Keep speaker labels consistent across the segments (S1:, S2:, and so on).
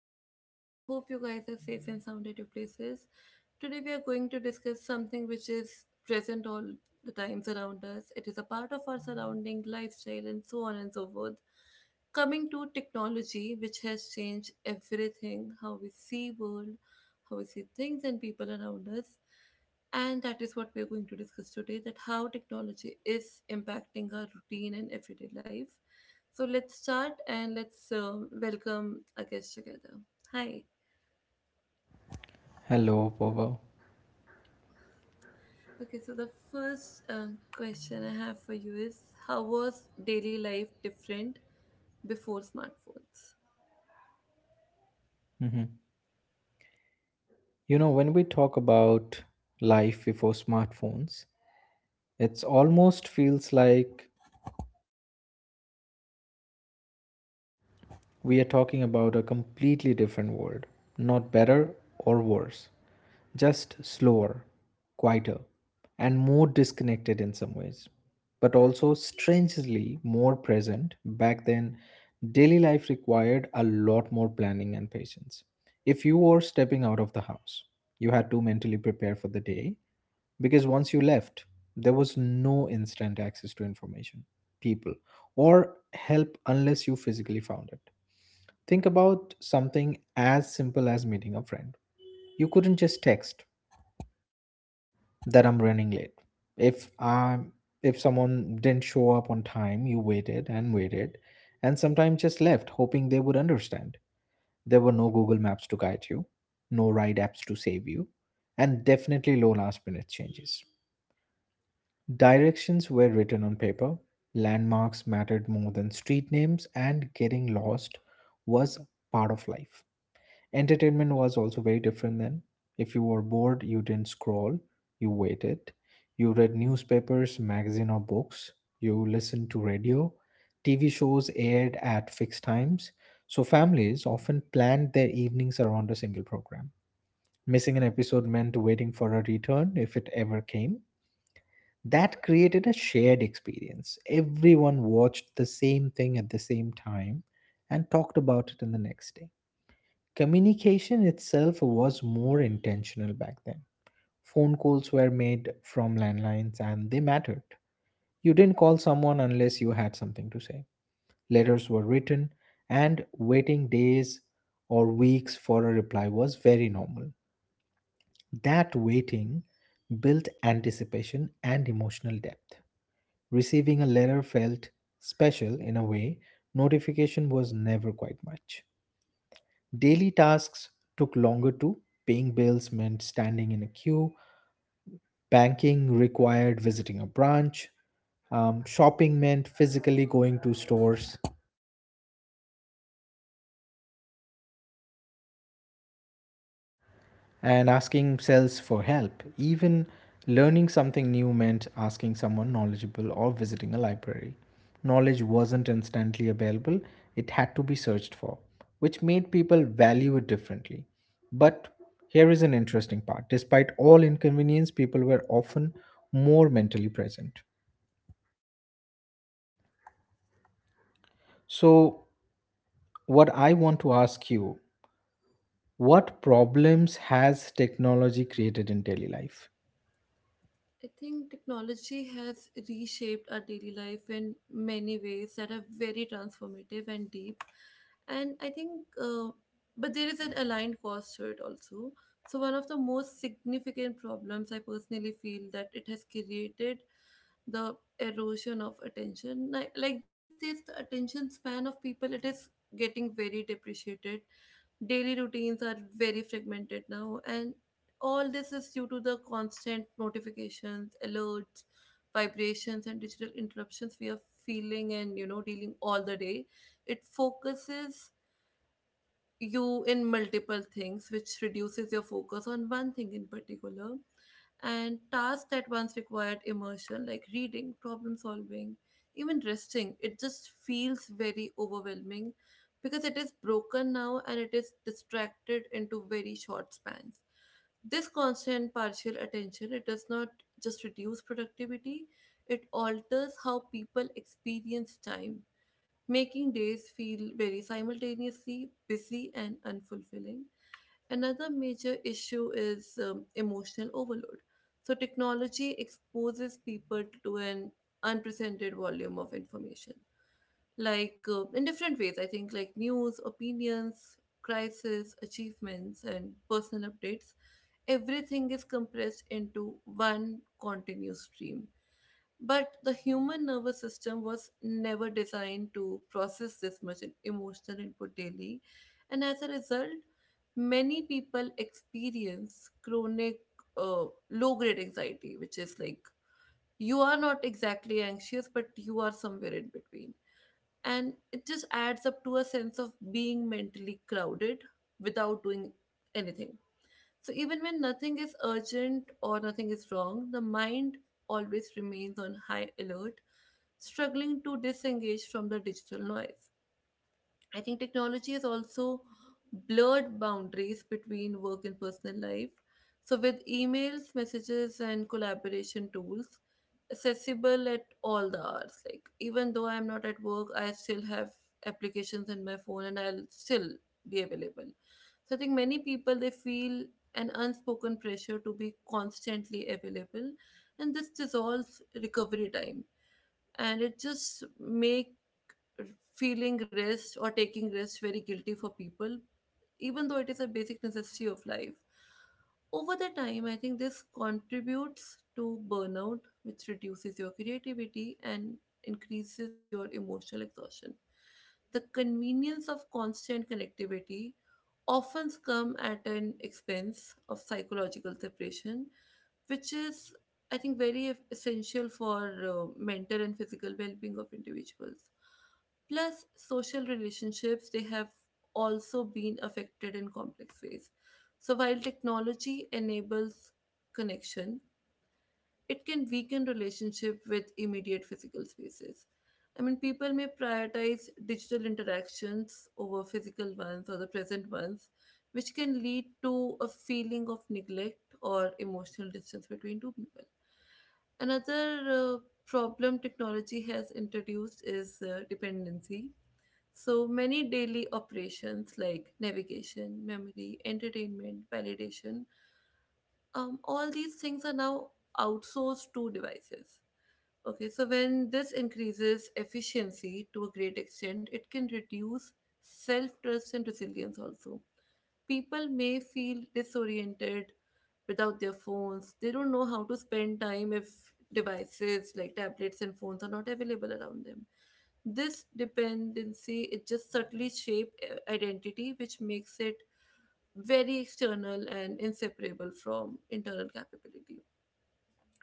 S1: and I hope you guys are safe and sound at your places. Today, we are going to discuss something which is present all the times around us. It is a part of our surrounding, lifestyle, and so on and so forth. Coming to technology, which has changed everything how we see world, how we see things and people around us and that is what we're going to discuss today that how technology is impacting our routine and everyday life so let's start and let's welcome our guests together. Hi.
S2: Hello, Bobo.
S1: Okay, so the first question I have for you is how was daily life different before smartphones?
S2: hmm You know, when we talk about life before smartphones, it's almost feels like we are talking about a completely different world. Not better or worse, just slower, quieter, and more disconnected in some ways. But also strangely more present. Back then, daily life required a lot more planning and patience. If you were stepping out of the house, you had to mentally prepare for the day because once you left, there was no instant access to information, people, or help unless you physically found it. Think about something as simple as meeting a friend. You couldn't just text that I'm running late. If i if someone didn't show up on time, you waited and waited and sometimes just left hoping they would understand. There were no Google Maps to guide you, no ride apps to save you, and definitely no last minute changes. Directions were written on paper, landmarks mattered more than street names, and getting lost was part of life. Entertainment was also very different then. If you were bored, you didn't scroll, you waited. You read newspapers, magazine, or books. You listened to radio. TV shows aired at fixed times, so families often planned their evenings around a single program. Missing an episode meant waiting for a return if it ever came, that created a shared experience. Everyone watched the same thing at the same time and talked about it in the next day. Communication itself was more intentional back then. Phone calls were made from landlines and they mattered. You didn't call someone unless you had something to say. Letters were written, and waiting days or weeks for a reply was very normal. That waiting built anticipation and emotional depth. Receiving a letter felt special in a way, notification was never quite much. Daily tasks took longer too. Paying bills meant standing in a queue, banking required visiting a branch, shopping meant physically going to stores, and asking cells for help. Even learning something new meant asking someone knowledgeable or visiting a library. Knowledge wasn't instantly available, it had to be searched for, which made people value it differently. But here is an interesting part. Despite all inconvenience, people were often more mentally present. So, what I want to ask you, what problems has technology created in daily life?
S1: I think technology has reshaped our daily life in many ways that are very transformative and deep. And I think, but there is an aligned cost to it also. So, one of the most significant problems I personally feel that it has created the erosion of attention. Like these days, the attention span of people it is getting very depreciated. Daily routines are very fragmented now, and all this is due to the constant notifications, alerts, vibrations, and digital interruptions we are feeling and dealing all the day. It focuses you in multiple things, which reduces your focus on one thing in particular. And tasks that once required immersion, like reading, problem solving, even resting, it just feels very overwhelming because it is broken now and it is distracted into very short spans. This constant partial attention it does not just reduce productivity, it alters how people experience time, making days feel very simultaneously busy and unfulfilling. Another major issue is emotional overload. So, technology exposes people to an unprecedented volume of information, like in different ways, I think, like news, opinions, crisis, achievements, and personal updates. Everything is compressed into one continuous stream, but the human nervous system was never designed to process this much emotional input daily. And as a result, many people experience chronic low grade anxiety, which is like you are not exactly anxious, but you are somewhere in between. And it just adds up to a sense of being mentally crowded without doing anything. So even when nothing is urgent or nothing is wrong, the mind always remains on high alert, struggling to disengage from the digital noise. I think technology has also blurred boundaries between work and personal life. So with emails, messages and collaboration tools accessible at all the hours, like even though I'm not at work, I still have applications in my phone and I'll still be available. So I think many people they feel an unspoken pressure to be constantly available, and this dissolves recovery time, and it just make feeling rest or taking rest very guilty for people even though it is a basic necessity of life. Over the time, I think this contributes to burnout, which reduces your creativity and increases your emotional exhaustion. The convenience of constant connectivity often come at an expense of psychological separation, which is, I think, very essential for mental and physical well-being of individuals, plus social relationships they have also been affected in complex ways. So while technology enables connection, it can weaken relationship with immediate physical spaces. I mean, people may prioritize digital interactions over physical ones or the present ones, which can lead to a feeling of neglect or emotional distance between two people. Another problem technology has introduced is dependency. So many daily operations like navigation, memory, entertainment, validation, all these things are now outsourced to devices. Okay, so when this increases efficiency to a great extent, it can reduce self trust and resilience also. People may feel disoriented without their phones. They don't know how to spend time if devices like tablets and phones are not available around them. This dependency it just subtly shape identity, which makes it very external and inseparable from internal capability.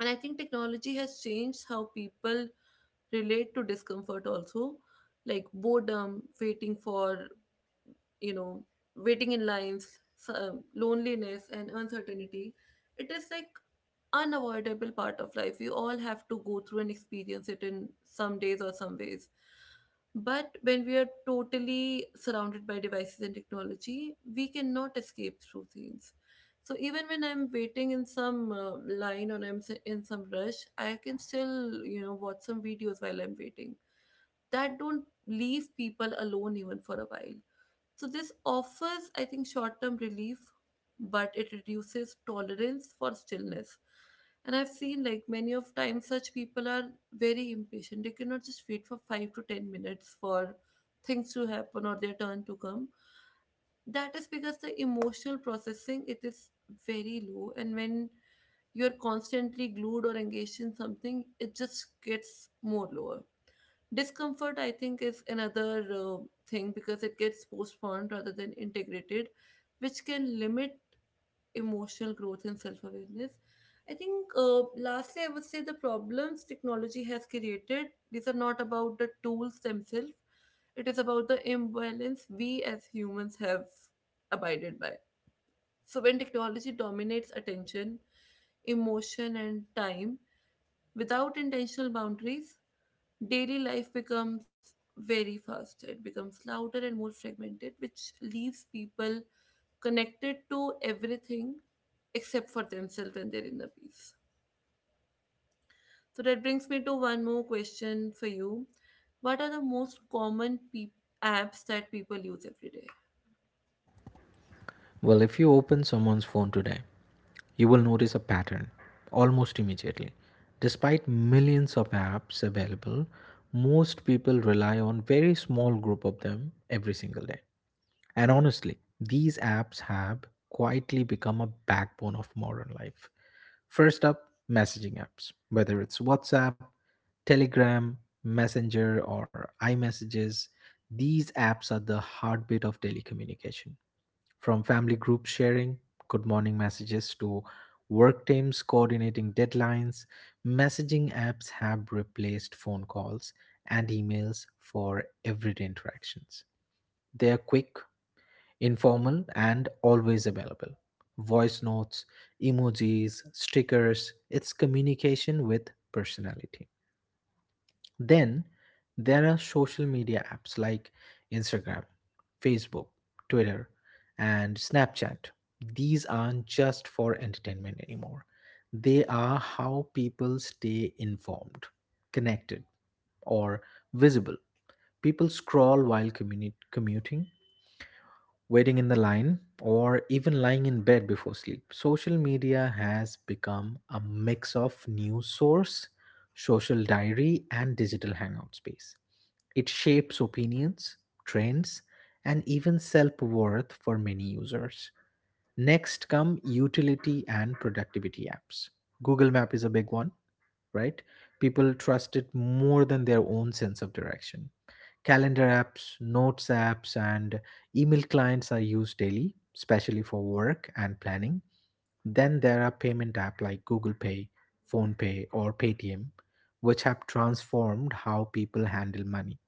S1: And I think technology has changed how people relate to discomfort also, like boredom, waiting for you know, waiting in lines, loneliness, and uncertainty. It is like unavoidable part of life. We all have to go through and experience it in some days or some ways. But when we are totally surrounded by devices and technology, we cannot escape through things. So even when I'm waiting in some line or in some rush, I can still, you know, watch some videos while I'm waiting. That don't leave people alone even for a while. So this offers, I think, short-term relief, but it reduces tolerance for stillness. And I've seen like many of times such people are very impatient. They cannot just wait for 5 to 10 minutes for things to happen or their turn to come. That is because the emotional processing it is very low, and when you're constantly glued or engaged in something, it just gets more lower. Discomfort, I think, is another thing because it gets postponed rather than integrated, which can limit emotional growth and self awareness. I think, lastly, I would say the problems technology has created, these are not about the tools themselves, it is about the imbalance we as humans have abided by. So, when technology dominates attention, emotion, and time without intentional boundaries, daily life becomes very fast, it becomes louder and more fragmented, which leaves people connected to everything except for themselves and their inner peace. So that brings me to one more question for you. What are the most common peop apps that people use every day?
S2: Well, if you open someone's phone today, you will notice a pattern almost immediately. Despite millions of apps available, most people rely on very small group of them every single day. And honestly, these apps have quietly become a backbone of modern life. First up, messaging apps, whether it's WhatsApp, Telegram, Messenger, or iMessages, these apps are the heartbeat of daily communication. From family group sharing, good morning messages to work teams coordinating deadlines, messaging apps have replaced phone calls and emails for everyday interactions. They are quick, informal, and always available. Voice notes, emojis, stickers, it's communication with personality. Then there are social media apps like Instagram, Facebook, Twitter, and Snapchat. These aren't just for entertainment anymore. They are how people stay informed, connected, or visible. People scroll while commuting, waiting in the line, or even lying in bed before sleep. Social media has become a mix of news source, social diary, and digital hangout space. It shapes opinions, trends, and even self worth for many users. Next come utility and productivity apps. Google Map is a big one, right? People trust it more than their own sense of direction. Calendar apps, notes apps, and email clients are used daily, especially for work and planning. Then there are payment apps like Google Pay, PhonePe, or Paytm, which have transformed how people handle money.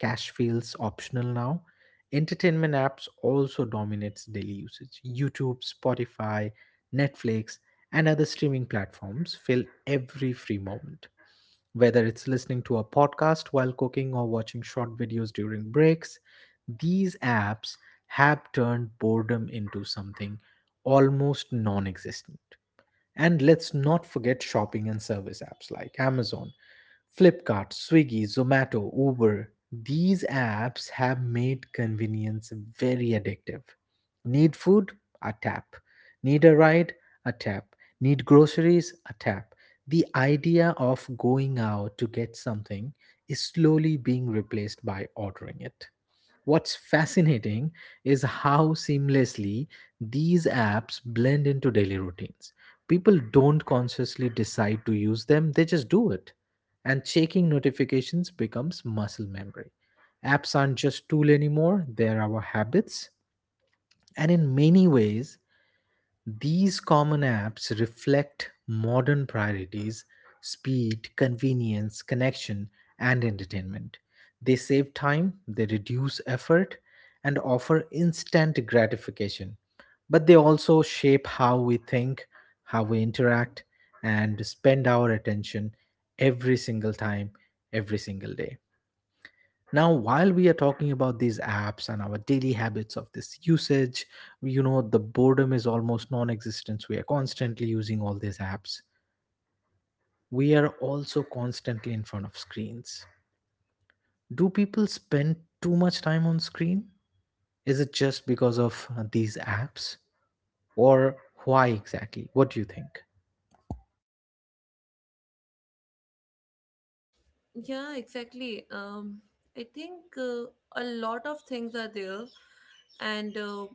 S2: Cash feels optional now. Entertainment apps also dominates daily usage. YouTube, Spotify, Netflix, and other streaming platforms fill every free moment. Whether it's listening to a podcast while cooking or watching short videos during breaks, these apps have turned boredom into something almost non existent. And let's not forget shopping and service apps like Amazon, Flipkart, Swiggy, Zomato, Uber, these apps have made convenience very addictive. Need food? A tap. Need a ride? A tap. Need groceries? A tap. The idea of going out to get something is slowly being replaced by ordering it. What's fascinating is how seamlessly these apps blend into daily routines. People don't consciously decide to use them, they just do it. And checking notifications becomes muscle memory. Apps aren't just tool anymore, they're our habits. And in many ways, these common apps reflect modern priorities: speed, convenience, connection, and entertainment. They save time, they reduce effort, and offer instant gratification. But they also shape how we think, how we interact, and spend our attention every single time, every single day. Now, while we are talking about these apps and our daily habits of this usage, you know, the boredom is almost non-existent, we are constantly using all these apps, we are also constantly in front of screens. Do people spend too much time on screen? Is it just because of these apps, or why exactly, what do you think?
S1: Yeah, exactly. I think a lot of things are there, and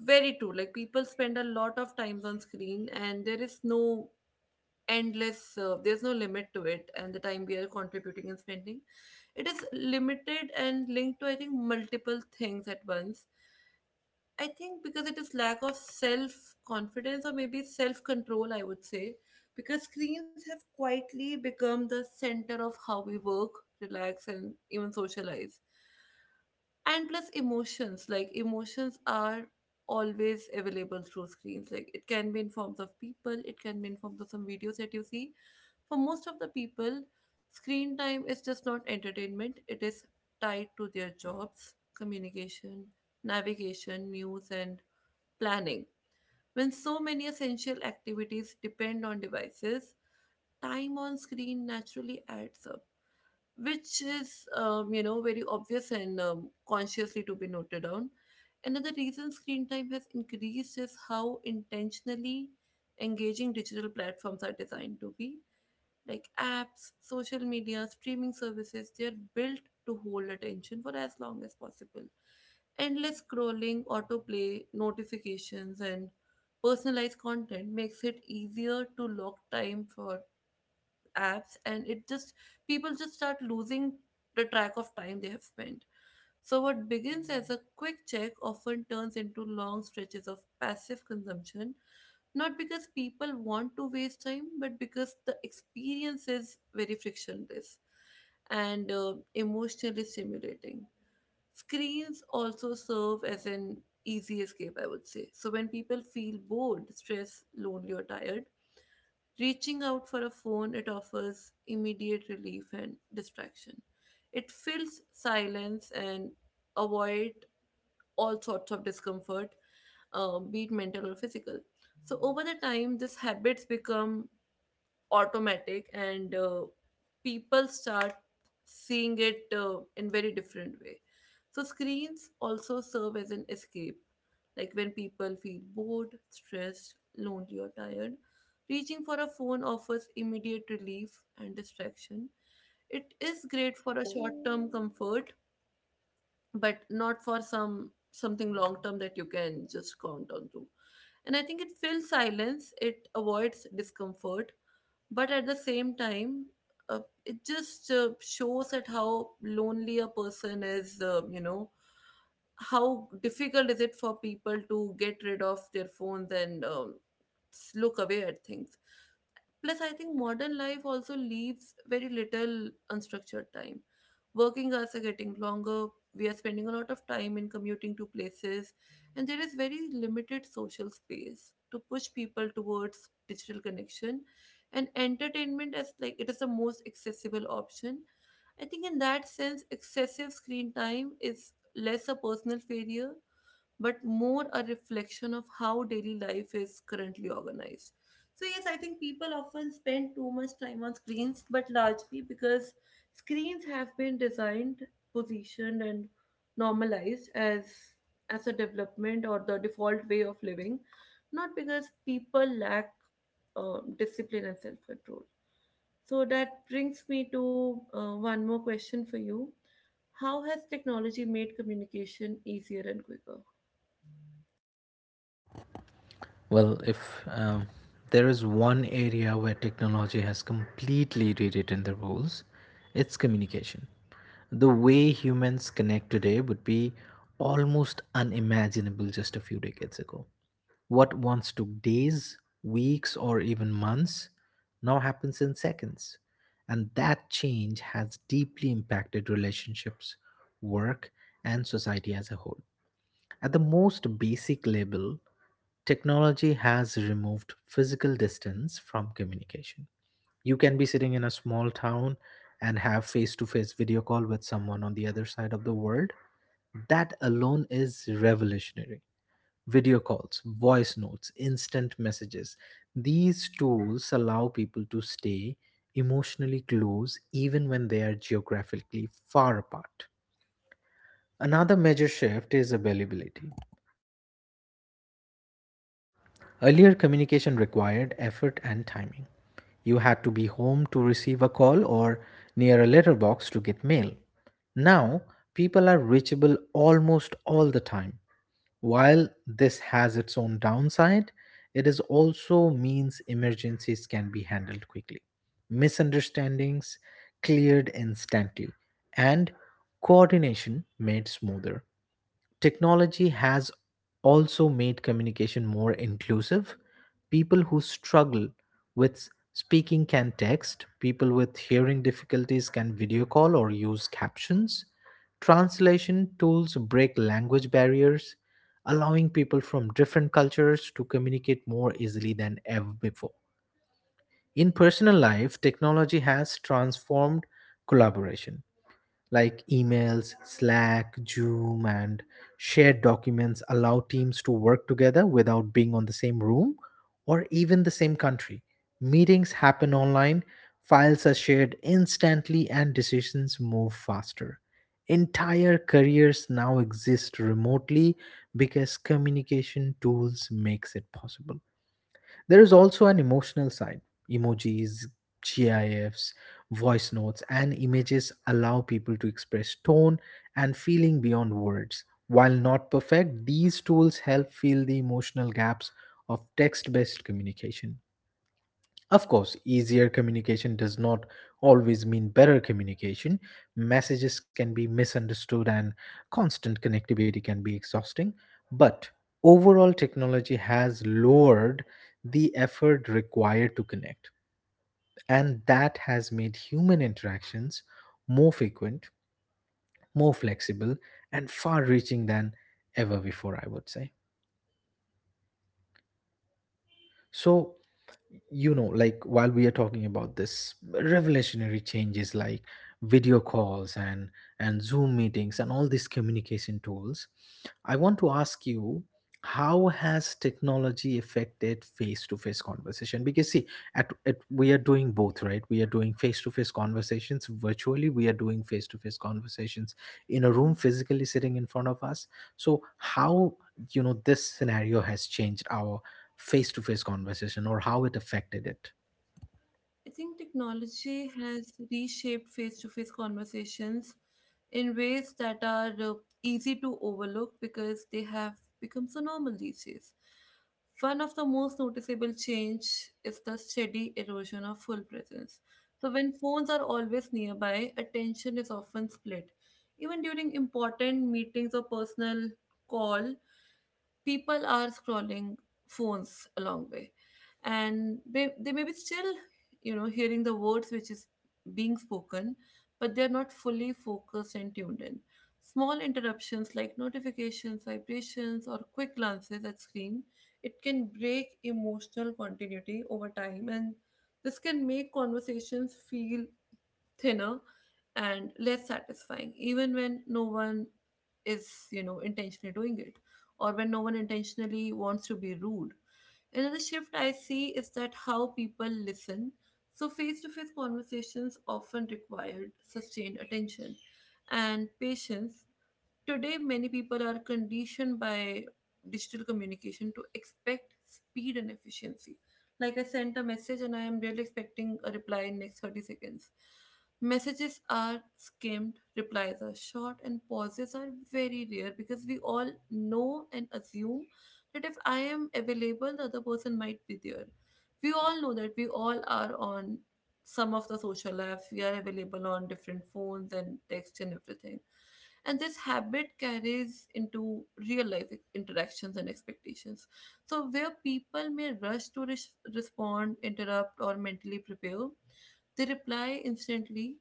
S1: very true. Like people spend a lot of times on screen, and there is no endless there's no limit to it, and the time we are contributing and spending it is limited and linked to I think multiple things at once. I think because it is lack of self confidence or maybe self control, I would say, because screens have quietly become the center of how we work, relax, and even socialize, and plus emotions, like emotions are always available through screens, like it can be in forms of people, it can be in forms of some videos that you see. For most of the people, screen time is just not entertainment, it is tied to their jobs, communication, navigation, news, and planning. When so many essential activities depend on devices, time on screen naturally adds up, which is you know very obvious and consciously to be noted down. Another reason screen time has increased is how intentionally engaging digital platforms are designed to be. Like apps, social media, streaming services, they're built to hold attention for as long as possible. Endless scrolling, autoplay notifications, and personalized content makes it easier to lock time for apps, and it just, people just start losing the track of time they have spent. So what begins as a quick check often turns into long stretches of passive consumption, not because people want to waste time, but because the experience is very frictionless and emotionally stimulating. Screens also serve as an easy escape, I would say. So when people feel bored, stressed, lonely, or tired, reaching out for a phone, it offers immediate relief and distraction. It fills silence and avoid all sorts of discomfort, be it mental or physical. So over the time, these habits become automatic, and people start seeing it in very different way. So screens also serve as an escape. Like when people feel bored, stressed, lonely, or tired, reaching for a phone offers immediate relief and distraction. It is great for a short term comfort, but not for some something long term that you can just count on to. And I think it fills silence, it avoids discomfort, but at the same time, it just shows that how lonely a person is, you know, how difficult is it for people to get rid of their phones and look away at things. Plus I think modern life also leaves very little unstructured time. Working hours are getting longer, we are spending a lot of time in commuting to places, and there is very limited social space to push people towards digital connection and entertainment, as like it is the most accessible option. I think in that sense excessive screen time is less a personal failure, but more a reflection of how daily life is currently organized. So, yes, I think people often spend too much time on screens, but largely because screens have been designed, positioned, and normalized as a development or the default way of living, not because people lack discipline and self control. So that brings me to one more question for you. How has technology made communication easier and quicker?
S2: Well, if there is one area where technology has completely rewritten the rules, it's communication. The way humans connect today would be almost unimaginable just a few decades ago. What once took days, weeks, or even months now happens in seconds. And that change has deeply impacted relationships, work, and society as a whole. At the most basic level, technology has removed physical distance from communication. You can be sitting in a small town and have face to face video call with someone on the other side of the world. That alone is revolutionary. Video calls, voice notes, instant messages. These tools allow people to stay emotionally close even when they are geographically far apart. Another major shift is availability. Earlier communication required effort and timing. You had to be home to receive a call or near a letterbox to get mail. Now, people are reachable almost all the time. While this has its own downside, it is also means emergencies can be handled quickly. Misunderstandings cleared instantly, and coordination made smoother. Technology has also made communication more inclusive. People who struggle with speaking can text, people with hearing difficulties can video call or use captions. Translation tools break language barriers, allowing people from different cultures to communicate more easily than ever before. In personal life, technology has transformed collaboration, like emails, Slack, Zoom, and shared documents allow teams to work together without being on the same room or even the same country. Meetings happen online, files are shared instantly, and decisions move faster. Entire careers now exist remotely because communication tools makes it possible. There is also an emotional side. Emojis, GIFs, voice notes, and images allow people to express tone and feeling beyond words. While not perfect, these tools help fill the emotional gaps of text based communication. Of course, easier communication does not always mean better communication. Messages can be misunderstood and constant connectivity can be exhausting. But overall, technology has lowered the effort required to connect. And that has made human interactions more frequent, more flexible, and far reaching than ever before, I would say. So, you know, like while we are talking about this revolutionary changes, like video calls and zoom meetings and all these communication tools, I want to ask you, how has technology affected face-to-face conversation? Because see, at we are doing both, right? We are doing face-to-face conversations virtually, we are doing face-to-face conversations in a
S1: I
S2: room physically sitting in front of us. So how, you know, this scenario has changed our face-to-face conversation or how it affected it?
S1: think technology has reshaped face to face conversations in ways that are easy to overlook because they have become so normal these days. One of the most noticeable change is the steady erosion of full presence. So when phones are always nearby, attention is often split. Even during important meetings or personal call, people are scrolling phones a long way, and they may be still hearing the words which is being spoken, but they're not fully focused and tuned in. Small interruptions like notifications, vibrations, or quick glances at screen, it can break emotional continuity over time, and this can make conversations feel thinner and less satisfying even when no one is intentionally doing it, or when no one intentionally wants to be rude. Another shift I see is that how people listen. So face to face conversations often required sustained attention and patience. Today, many people are conditioned by digital communication to expect speed and efficiency. Like, I sent a message and I am really expecting a reply in next 30 seconds. Messages are skimmed, replies are short, and pauses are very rare because we all know and assume that if I am available, the other person might be there. We all know that we all are on some of the social apps, we are available on different phones and text and everything, and this habit carries into real life interactions and expectations. So where people may rush to respond, interrupt, or mentally prepare, they reply instantly,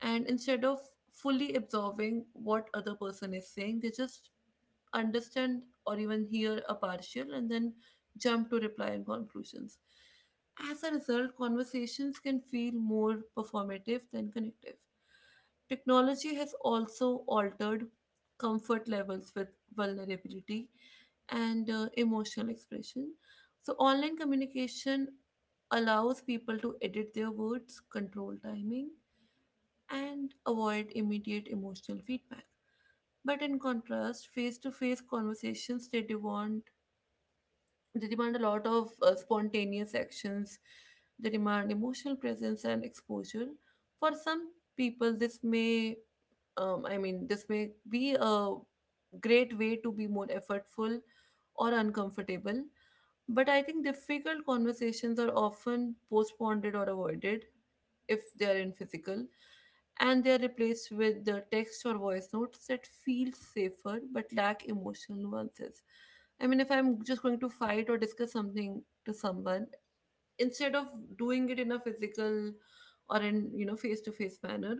S1: and instead of fully absorbing what other person is saying, they just understand or even hear a partial, and then jump to reply and conclusions. As a result, conversations can feel more performative than connective. Technology has also altered comfort levels with vulnerability and emotional expression. So, online communication allows people to edit their words, control timing, and avoid immediate emotional feedback. But in contrast, face-to-face conversations they demand a lot of spontaneous actions. They demand emotional presence and exposure. For some people, this may this may be a great way to be more effortful or uncomfortable. But I think difficult conversations are often postponed or avoided if they are in physical, and they are replaced with the text or voice notes that feel safer but lack emotional nuances. I mean, if I'm just going to fight or discuss something to someone, instead of doing it in a physical or in face to face manner,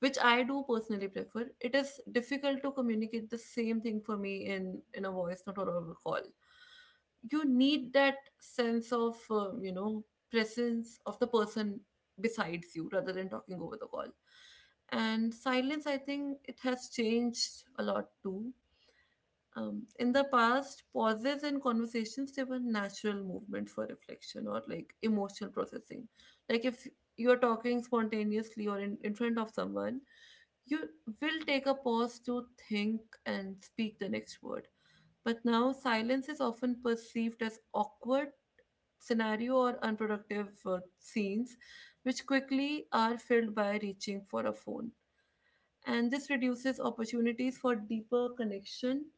S1: which I do personally prefer, it is difficult to communicate the same thing for me in a voice note or over call. You need that sense of presence of the person besides you rather than talking over the call. And silence, I think it has changed a lot too. In the past, pauses in conversations, they were natural movements for reflection or like emotional processing. Like if you're talking spontaneously or in front of someone, you will take a pause to think and speak the next word. But now, silence is often perceived as awkward scenario or unproductive scenes, which quickly are filled by reaching for a phone. And this reduces opportunities for deeper connection,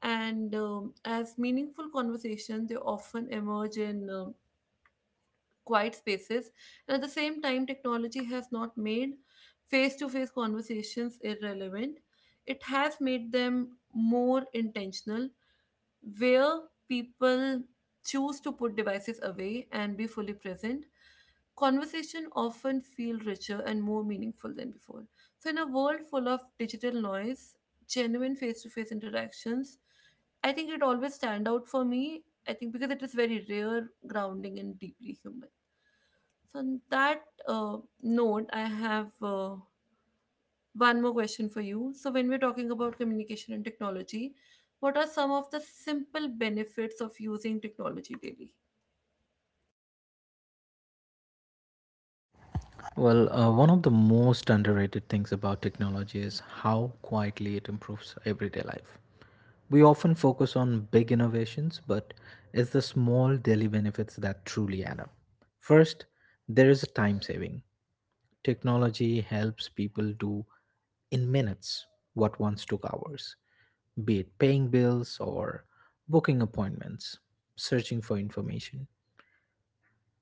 S1: and as meaningful conversations they often emerge in quiet spaces. And at the same time, technology has not made face-to-face conversations irrelevant, it has made them more intentional. Where people choose to put devices away and be fully present, conversation often feel richer and more meaningful than before. So in a world full of digital noise, genuine face-to-face interactions, I think it always stand out for me. I think because it is very rare, grounding, and deeply human. So on that uh, note, I have one more question for you. So, when we're talking about communication and technology, what are some of the simple benefits of using technology daily?
S2: Well, one of the most underrated things about technology is how quietly it improves everyday life. We often focus on big innovations, but it's the small daily benefits that truly add up. First, there is a time saving. Technology helps people do in minutes what once took hours, be it paying bills or booking appointments, searching for information.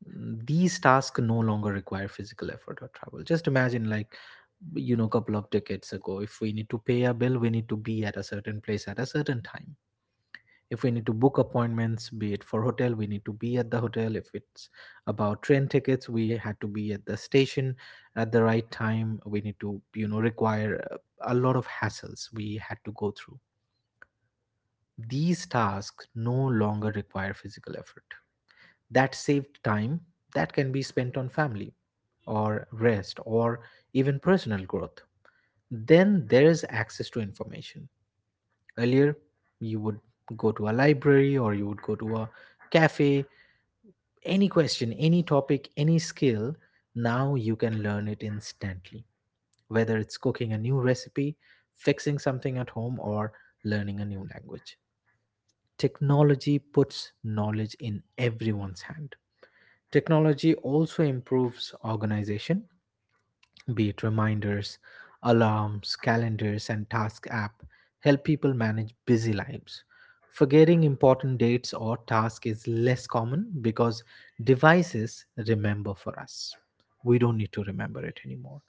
S2: These tasks no longer require physical effort or travel. Just imagine, like, you know, couple of decades ago, if we need to pay a bill, we need to be at a certain place at a certain time. If we need to book appointments, be it for hotel, we need to be at the hotel. If it's about train tickets, we had to be at the station at the right time. We need to, you know, require a lot of hassles we had to go through. These tasks no longer require physical effort. That saved time that can be spent on family or rest or even personal growth. Then there is access to information. Earlier, you would go to a library or you would go to a cafe. Any question, any topic, any skill, now you can learn it instantly. Whether it's cooking a new recipe, fixing something at home, or learning a new language. Technology puts knowledge in everyone's hand. Technology also improves organization, be it reminders, alarms, calendars, and task app, help people manage busy lives. Forgetting important dates or tasks is less common because devices remember for us. We don't need to remember it anymore.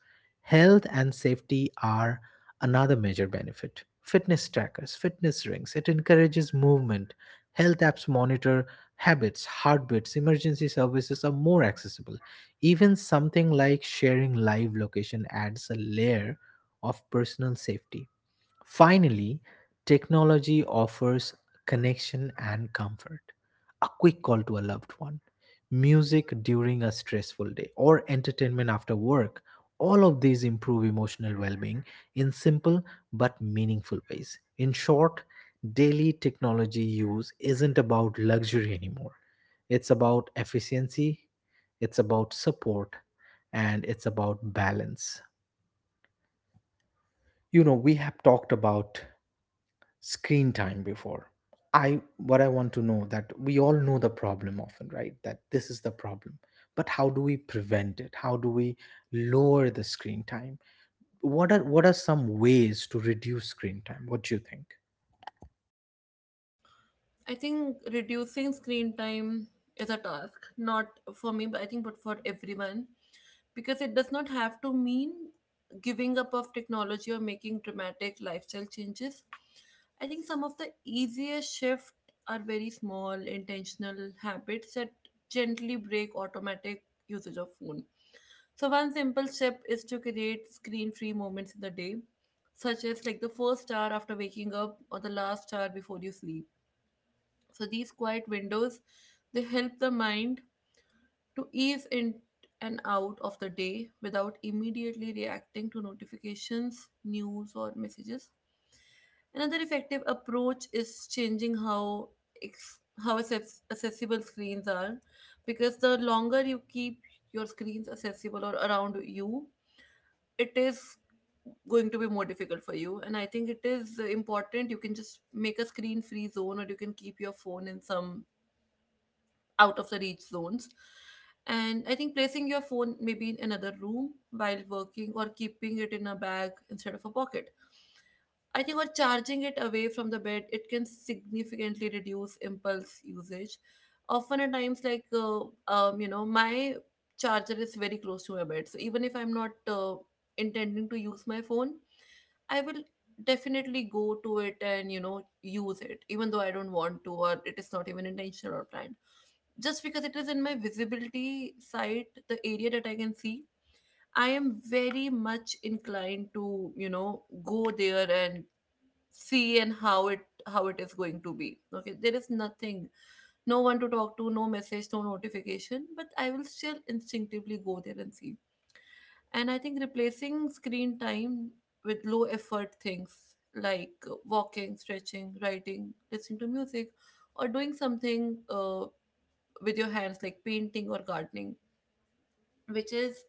S2: Health and safety are another major benefit. Fitness trackers, fitness rings, it encourages movement. Health apps monitor habits, heartbeats, emergency services are more accessible. Even something like sharing live location adds a layer of personal safety. Finally, technology offers connection and comfort. A quick call to a loved one, music during a stressful day, or entertainment after work. All of these improve emotional well being in simple but meaningful ways. In short, daily technology use isn't about luxury anymore. It's about efficiency, it's about support, and it's about balance. You know, we have talked about screen time before. I what I want to know that we all know the problem often right that this is the problem, but how do we prevent it? How do we lower the screen time? What are some ways to reduce screen time? What do you think?
S1: I think reducing screen time is a task, not for me, but I think but for everyone, because it does not have to mean giving up of technology or making dramatic lifestyle changes. I think some of the easiest shifts are very small intentional habits that gently break automatic usage of phone. So one simple step is to create screen-free moments in the day, such as like the first hour after waking up or the last hour before you sleep. So these quiet windows, they help the mind to ease in and out of the day without immediately reacting to notifications, news or messages. Another effective approach is changing how ex- accessible screens are, because the longer you keep your screens accessible or around you, it is going to be more difficult for you. And I think it is important, you can just make a screen free zone, or you can keep your phone in some out of the reach zones. And I think placing your phone maybe in another room while working, or keeping it in a bag instead of a pocket, I think, or charging it away from the bed, it can significantly reduce impulse usage. Often at times like my charger is very close to my bed, so even if I'm not intending to use my phone, I will definitely go to it and use it, even though I don't want to, or it is not even intentional or planned, just because it is in my visibility site, the area that I can see. I am very much inclined to go there and see and how it, how it is going to be okay. There is nothing, no one to talk to, no message, no notification, but I will still instinctively go there and see. And I think replacing screen time with low effort things like walking, stretching, writing, listening to music, or doing something with your hands, like painting or gardening, which is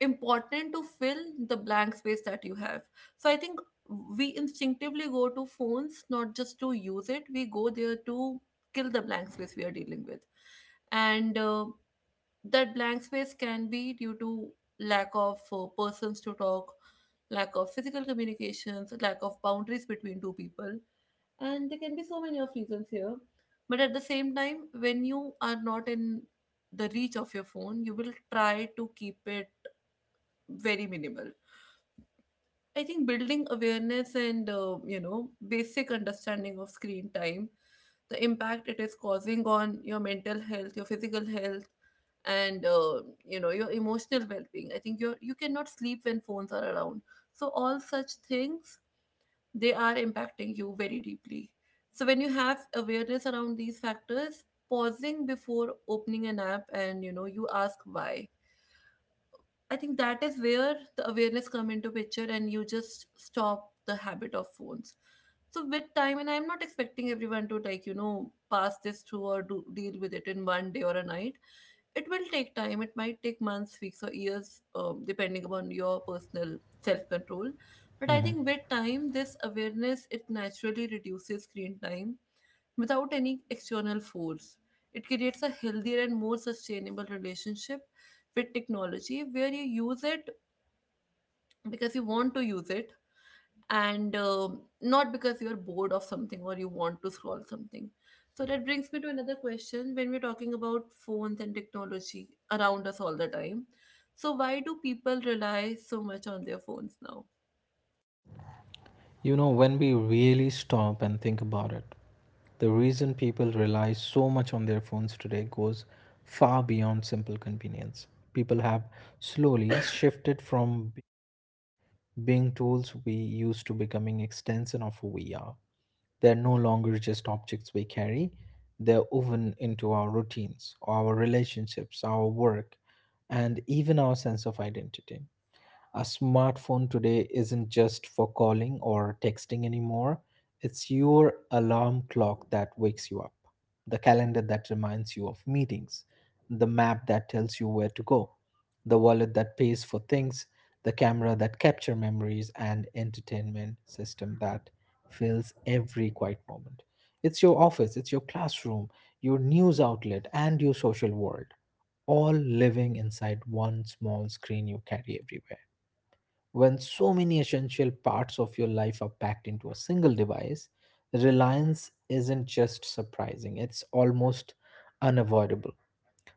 S1: important to fill the blank space that you have. So I think we instinctively go to phones not just to use it, we go there to kill the blank space we are dealing with. And that blank space can be due to lack of persons to talk, lack of physical communications, lack of boundaries between two people. And there can be so many of reasons here. But at the same time, when you are not in the reach of your phone, you will try to keep it very minimal. I think building awareness and basic understanding of screen time, the impact it is causing on your mental health, your physical health, and your emotional well-being. I think you, you cannot sleep when phones are around. So all such things, they are impacting you very deeply. So when you have awareness around these factors, pausing before opening an app and you ask why, I think that is where the awareness come into picture and you just stop the habit of phones. So with time, and I'm not expecting everyone to like, pass this through or deal with it in one day or a night. It will take time. It might take months, weeks or years depending upon your personal self-control. But I
S2: Mhm.
S1: think with time this awareness, it naturally reduces screen time without any external force. It creates a healthier and more sustainable relationship with technology where you use it because you want to use it, and not because you're bored of something or you want to scroll something. So that brings me to another question. When we're talking about phones and technology around us all the time, so why do people rely so much on their phones now?
S2: You know, when we really stop and think about it, the reason people rely so much on their phones today goes far beyond simple convenience. People have slowly shifted from being tools we used to becoming extension of who we are. They're no longer just objects we carry, they're woven into our routines, our relationships, our work, and even our sense of identity. A smartphone today isn't just for calling or texting anymore. It's your alarm clock that wakes you up, the calendar that reminds you of meetings, the map that tells you where to go, the wallet that pays for things, the camera that captures memories and entertainment system that fills every quiet moment. It's your office, it's your classroom, your news outlet and your social world all living inside one small screen you carry everywhere. When so many essential parts of your life are packed into a single device, reliance isn't just surprising, it's almost unavoidable.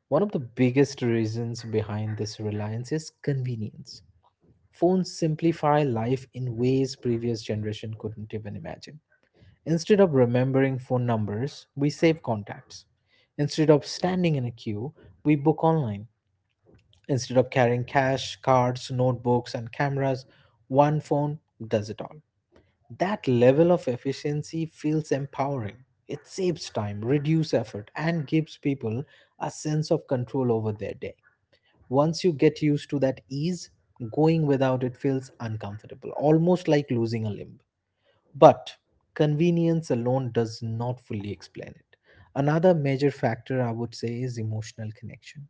S2: One of the biggest reasons behind this reliance is convenience. Phones simplify life in ways previous generation couldn't even imagine. Instead of remembering phone numbers, we save contacts. Instead of standing in a queue, we book online. Instead of carrying cash, cards, notebooks, and cameras, one phone does it all. That level of efficiency feels empowering. It saves time, reduces effort, and gives people a sense of control over their day. Once you get used to that ease, going without it feels uncomfortable, almost like losing a limb. But convenience alone does not fully explain it. Another major factor I would say is emotional connection.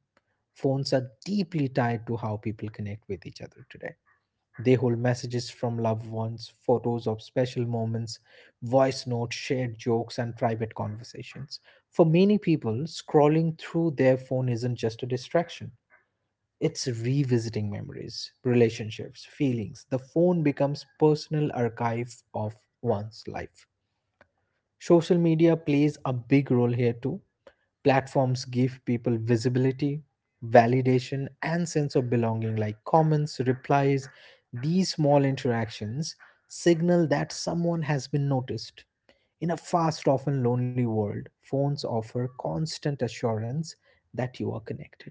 S2: Phones are deeply tied to how people connect with each other today. They hold messages from loved ones, photos of special moments, voice notes, shared jokes, and private conversations. For many people, scrolling through their phone isn't just a distraction, it's revisiting memories, relationships, feelings. The phone becomes personal archive of one's life. Social media plays a big role here too. Platforms give people visibility, validation, and sense of belonging, like comments, replies. These small interactions signal that someone has been noticed. In a fast, often lonely world, phones offer constant assurance that you are connected,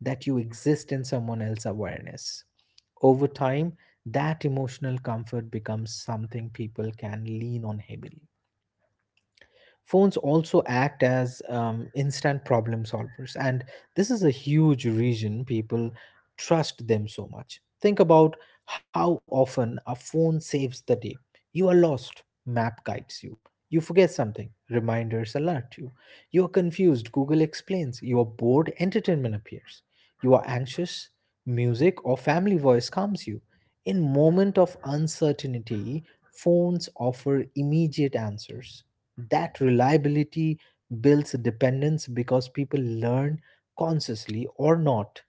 S2: that you exist in someone else's awareness. Over time, that emotional comfort becomes something people can lean on heavily. Phones also act as instant problem solvers, and this is a huge reason people trust them so much. Think about how often a phone saves the day. You are lost, map guides you. You forget something, reminders alert you. You are confused, Google explains. You are bored, entertainment appears. You are anxious, music or family voice calms you. In moment of uncertainty, phones offer immediate answers. That reliability builds dependence because people learn, consciously or not,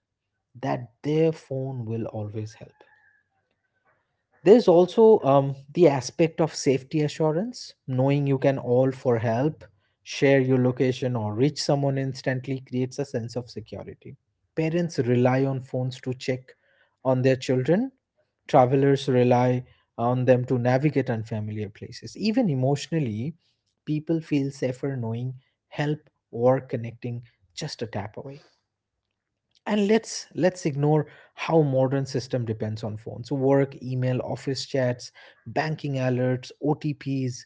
S2: that their phone will always help. There's also the aspect of safety assurance, knowing you can all for help, share your location, or reach someone instantly creates a sense of security. Parents rely on phones to check on their children, travelers rely on them to navigate unfamiliar places. Even emotionally, people feel safer knowing help or connecting just a tap away. And let's ignore how modern system depends on phones, work email, office chats, banking alerts, OTPs.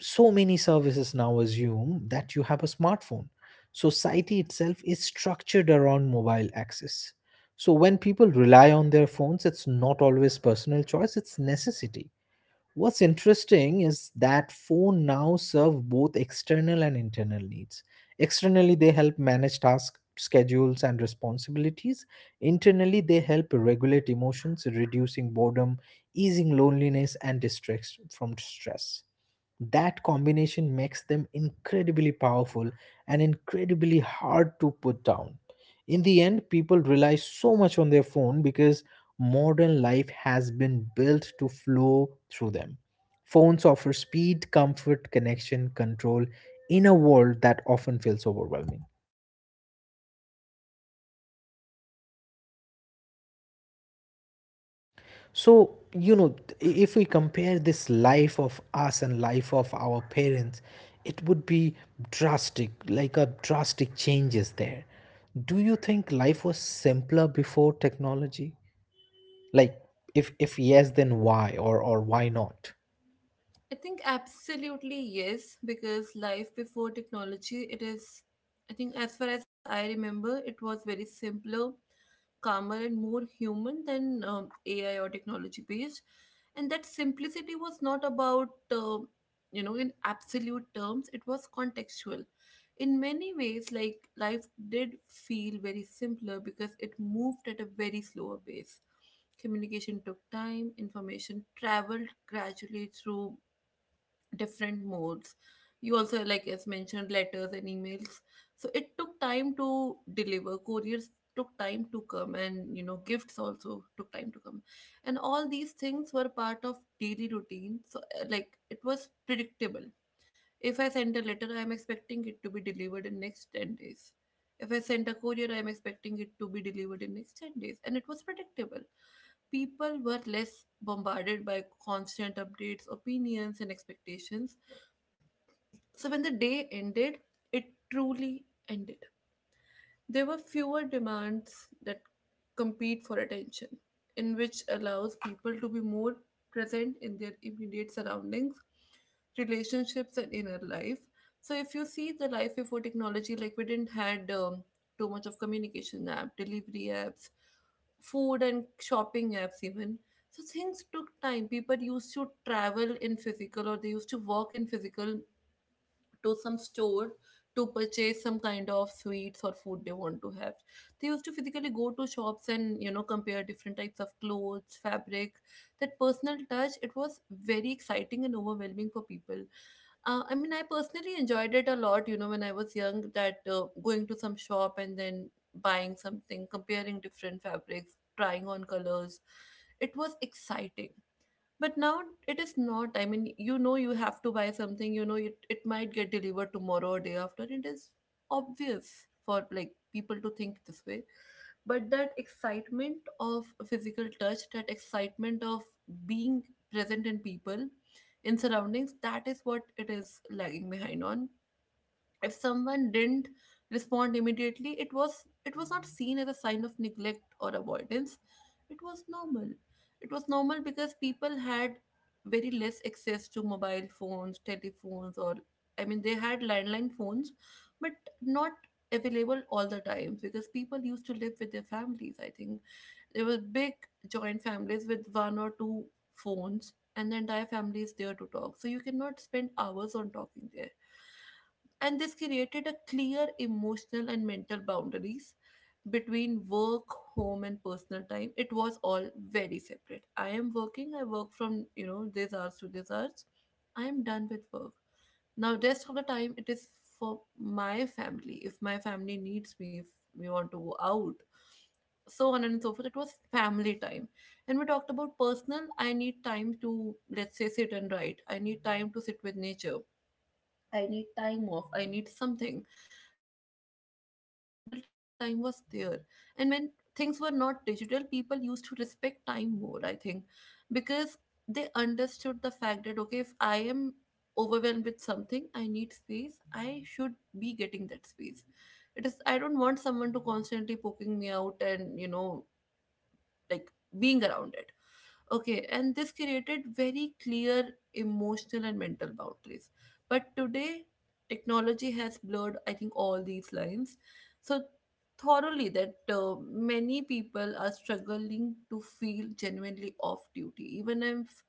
S2: So many services now assume that you have a smartphone. Society itself is structured around mobile access, so when people rely on their phones, it's not always personal choice, it's necessity. What's interesting is that phone now serve both external and internal needs. Externally, they help manage tasks, schedules, and responsibilities. Internally, they help regulate emotions, reducing boredom, easing loneliness, and distress from stress. That combination makes them incredibly powerful and incredibly hard to put down. In the end, people rely so much on their phone because modern life has been built to flow through them. Phones offer speed, comfort, connection, control in a world that often feels overwhelming. So you know, if we compare this life of us and life of our parents, it would be drastic, like a drastic changes there. Do you think life was simpler before technology? Like, if yes, then why? Or why not?
S1: I think absolutely yes, because life before technology, it is, I think, as far as I remember, it was very simpler, calmer, and more human than AI or technology based. And that simplicity was not about, in absolute terms, it was contextual. In many ways, like life did feel very simpler because it moved at a very slower pace. Communication took time, information traveled gradually through different modes. You also, like as mentioned, letters and emails. So it took time to deliver. Couriers took time to come, and gifts also took time to come. And all these things were part of daily routine. So, like, it was predictable. If I send a letter, I am expecting it to be delivered in next 10 days. If I send a courier, I am expecting it to be delivered in next 10 days. And it was predictable. People were less bombarded by constant updates, opinions, and expectations. So when the day ended, it truly ended. There were fewer demands that compete for attention, in which allows people to be more present in their immediate surroundings, relationships, and inner life. So if you see the life before technology, like we didn't had too much of communication app, delivery apps, food and shopping apps even. So things took time. People used to travel in physical, or they used to walk in physical to some store to purchase some kind of sweets or food they want to have. They used to physically go to shops and, you know, compare different types of clothes fabric. That personal touch, it was very exciting and overwhelming for people. I mean, I personally enjoyed it a lot, when I was young. That going to some shop and then buying something, comparing different fabrics, trying on colors, it was exciting. But now it is not. I mean, you have to buy something. It might get delivered tomorrow or day after. It is obvious for like people to think this way. But that excitement of physical touch, that excitement of being present in people, in surroundings, that is what it is lagging behind on. If someone didn't respond immediately, it was not seen as a sign of neglect or avoidance. It was normal. It was normal because people had very less access to mobile phones, telephones, or, I mean, they had landline phones, but not available all the time, because people used to live with their families. I think there were big joint families with one or two phones, and the entire family is there to talk, so you cannot spend hours on talking there. And this created a clear emotional and mental boundaries between work, home, and personal time. It was all very separate. I am working. I work from, you know, these hours to these hours. I am done with work. Now rest of the time it is for my family. If my family needs me, if we want to go out, so on and so forth, it was family time. And we talked about personal. I need time to, let's say, sit and write. I need time to sit with nature. I need time off. I need something. That is where personal time was there. And when things were not digital, people used to respect time more, I think, because they understood the fact that, okay, if I am overwhelmed with something, I need space, I should be getting that space. It is, I don't want someone to constantly poking me out and, like, being around it. Okay, and this created very clear emotional and mental boundaries. But today, technology has blurred, I think, all these lines so thoroughly that many people are struggling to feel genuinely off duty. Even if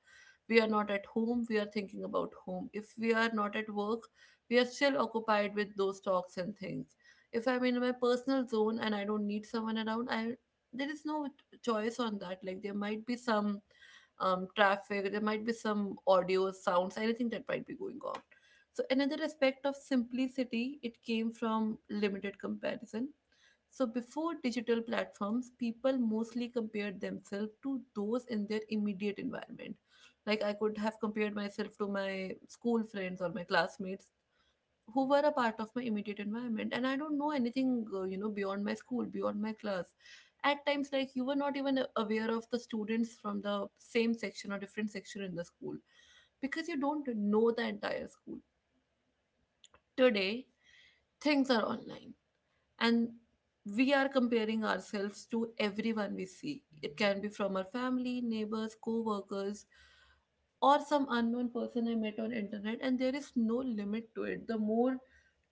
S1: we are not at home, we are thinking about home. If we are not at work, we are still occupied with those talks and things. If I'm in my personal zone and I don't need someone around, I, there is no choice on that. Like, there might be some traffic, there might be some audio sounds, anything that might be going on. So another aspect of simplicity, it came from limited comparison. So, before digital platforms, people mostly compared themselves to those in their immediate environment. Like, I could have compared myself to my school friends or my classmates who were a part of my immediate environment. And I don't know anything, beyond my school, beyond my class. At times, like, you were not even aware of the students from the same section or different section in the school, because you don't know the entire school. Today, things are online, and we are comparing ourselves to everyone we see. It can be from our family, neighbors, co-workers, or some unknown person I met on internet, and there is no limit to it. The more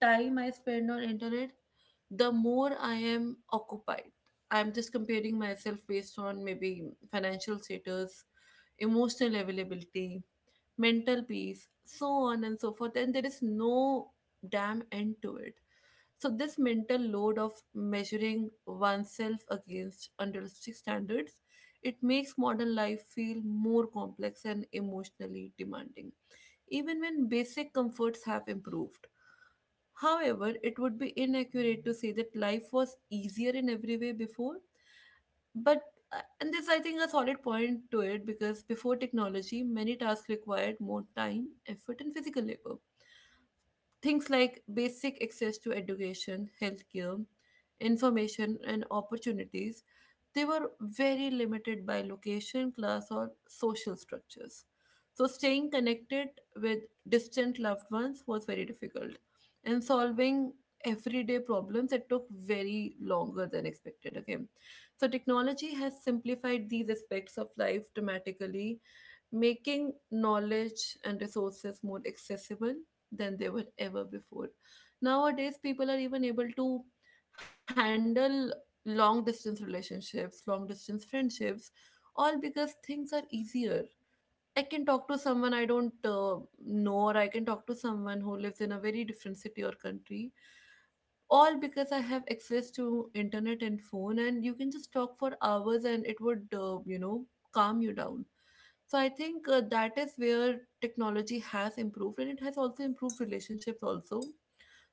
S1: time I spend on internet, the more I am occupied. I'm just comparing myself based on maybe financial status, emotional availability, mental peace, so on and so forth. And there is no damn end to it. So this mental load of measuring oneself against unrealistic standards, it makes modern life feel more complex and emotionally demanding, even when basic comforts have improved. However, it would be inaccurate to say that life was easier in every way before. But, and this I think a solid point to it, because before technology, many tasks required more time, effort, and physical labor. Things like basic access to education, healthcare, information, and opportunities, they were very limited by location, class, or social structures. So, staying connected with distant loved ones was very difficult, and solving everyday problems, it took very longer than expected. Okay, so technology has simplified these aspects of life dramatically, making knowledge and resources more accessible than they were ever before. Nowadays, people are even able to handle long distance relationships, long distance friendships, all because things are easier. I can talk to someone I don't know, or I can talk to someone who lives in a very different city or country, all because I have access to internet and phone, and you can just talk for hours and it would, calm you down. So I think that is where technology has improved, and it has also improved relationships also.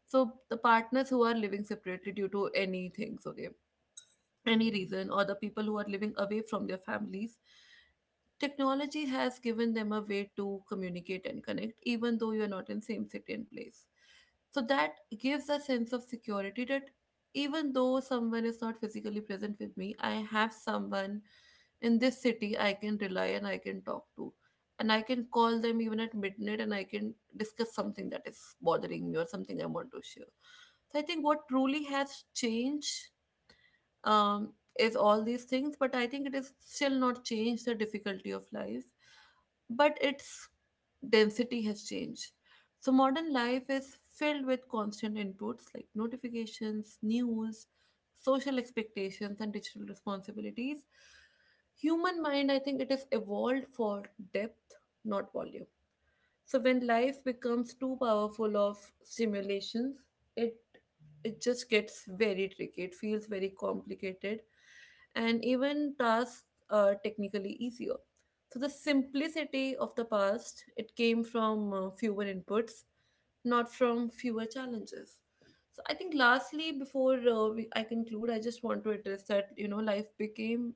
S1: So the partners who are living separately due to anything, okay, any reason, or the people who are living away from their families, technology has given them a way to communicate and connect, even though you are not in same city and place. So that gives a sense of security that even though someone is not physically present with me, I have someone in this city I can rely and I can talk to. And I can call them even at midnight, and I can discuss something that is bothering me or something I want to share. So I think what truly has changed um, is all these things, but I think it is still not changed the difficulty of life, but its density has changed. So modern life is filled with constant inputs like notifications, news, social expectations, and digital responsibilities. Human mind, I think it is evolved for depth, not volume. So when life becomes too powerful of stimulations, it it just gets very tricky. It feels very complicated, and even tasks are technically easier. So the simplicity of the past, it came from fewer inputs, not from fewer challenges. So I think, lastly, before I conclude, I just want to address that, you know, life became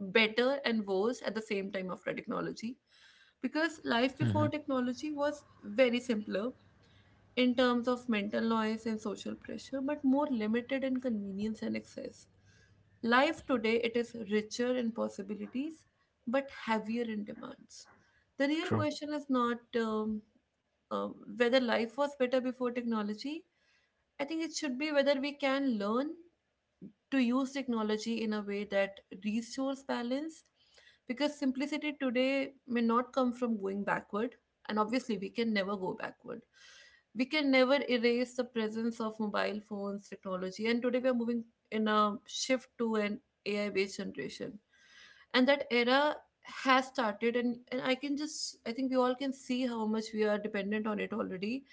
S1: better and worse at the same time after technology, because life before technology was very simpler in terms of mental noise and social pressure, but more limited in convenience and access. Life today, it is richer in possibilities, but heavier in demands. The real
S2: True.
S1: question is not whether life was better before technology. I think it should be whether we can learn to use technology in a way that restores balance, because simplicity today may not come from going backward, and obviously we can never go backward. We can never erase the presence of mobile phones, technology, and today we are moving in a shift to an AI based generation, and that era has started. And I can just, I think we all can see how much we are dependent on it already.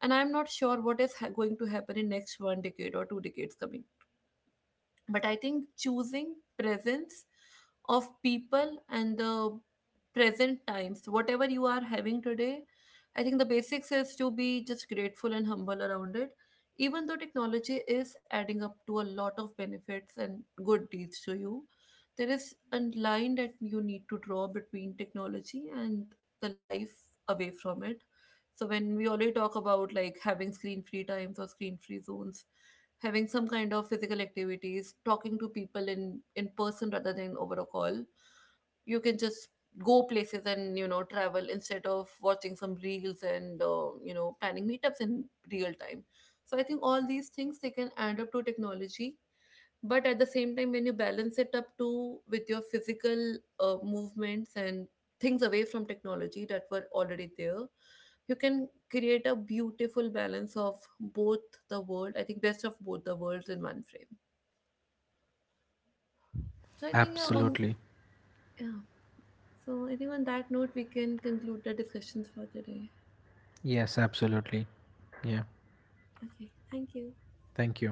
S1: And I'm not sure what is going to happen in next one decade or 2 decades coming. But I think choosing presence of people and the present times, whatever you are having today, I think the basics is to be just grateful and humble around it. Even though technology is adding up to a lot of benefits and good deeds to you, there is a line that you need to draw between technology and the life away from it. So when we already talk about like having screen free times or screen free zones, having some kind of physical activities, talking to people in person rather than over a call. You can just go places and, you know, travel instead of watching some reels and, you know, planning meetups in real time. So I think all these things, they can add up to technology, but at the same time, when you balance it up too with your physical movements and things away from technology that were already there, you can create a beautiful balance of both the world, I think, best of both the worlds in one frame. So I think, yeah. on
S2: Absolutely.
S1: Yeah, so I think on that note, we can conclude the discussions for today.
S2: Yes, absolutely. Yeah.
S1: Okay, thank you.
S2: Thank you.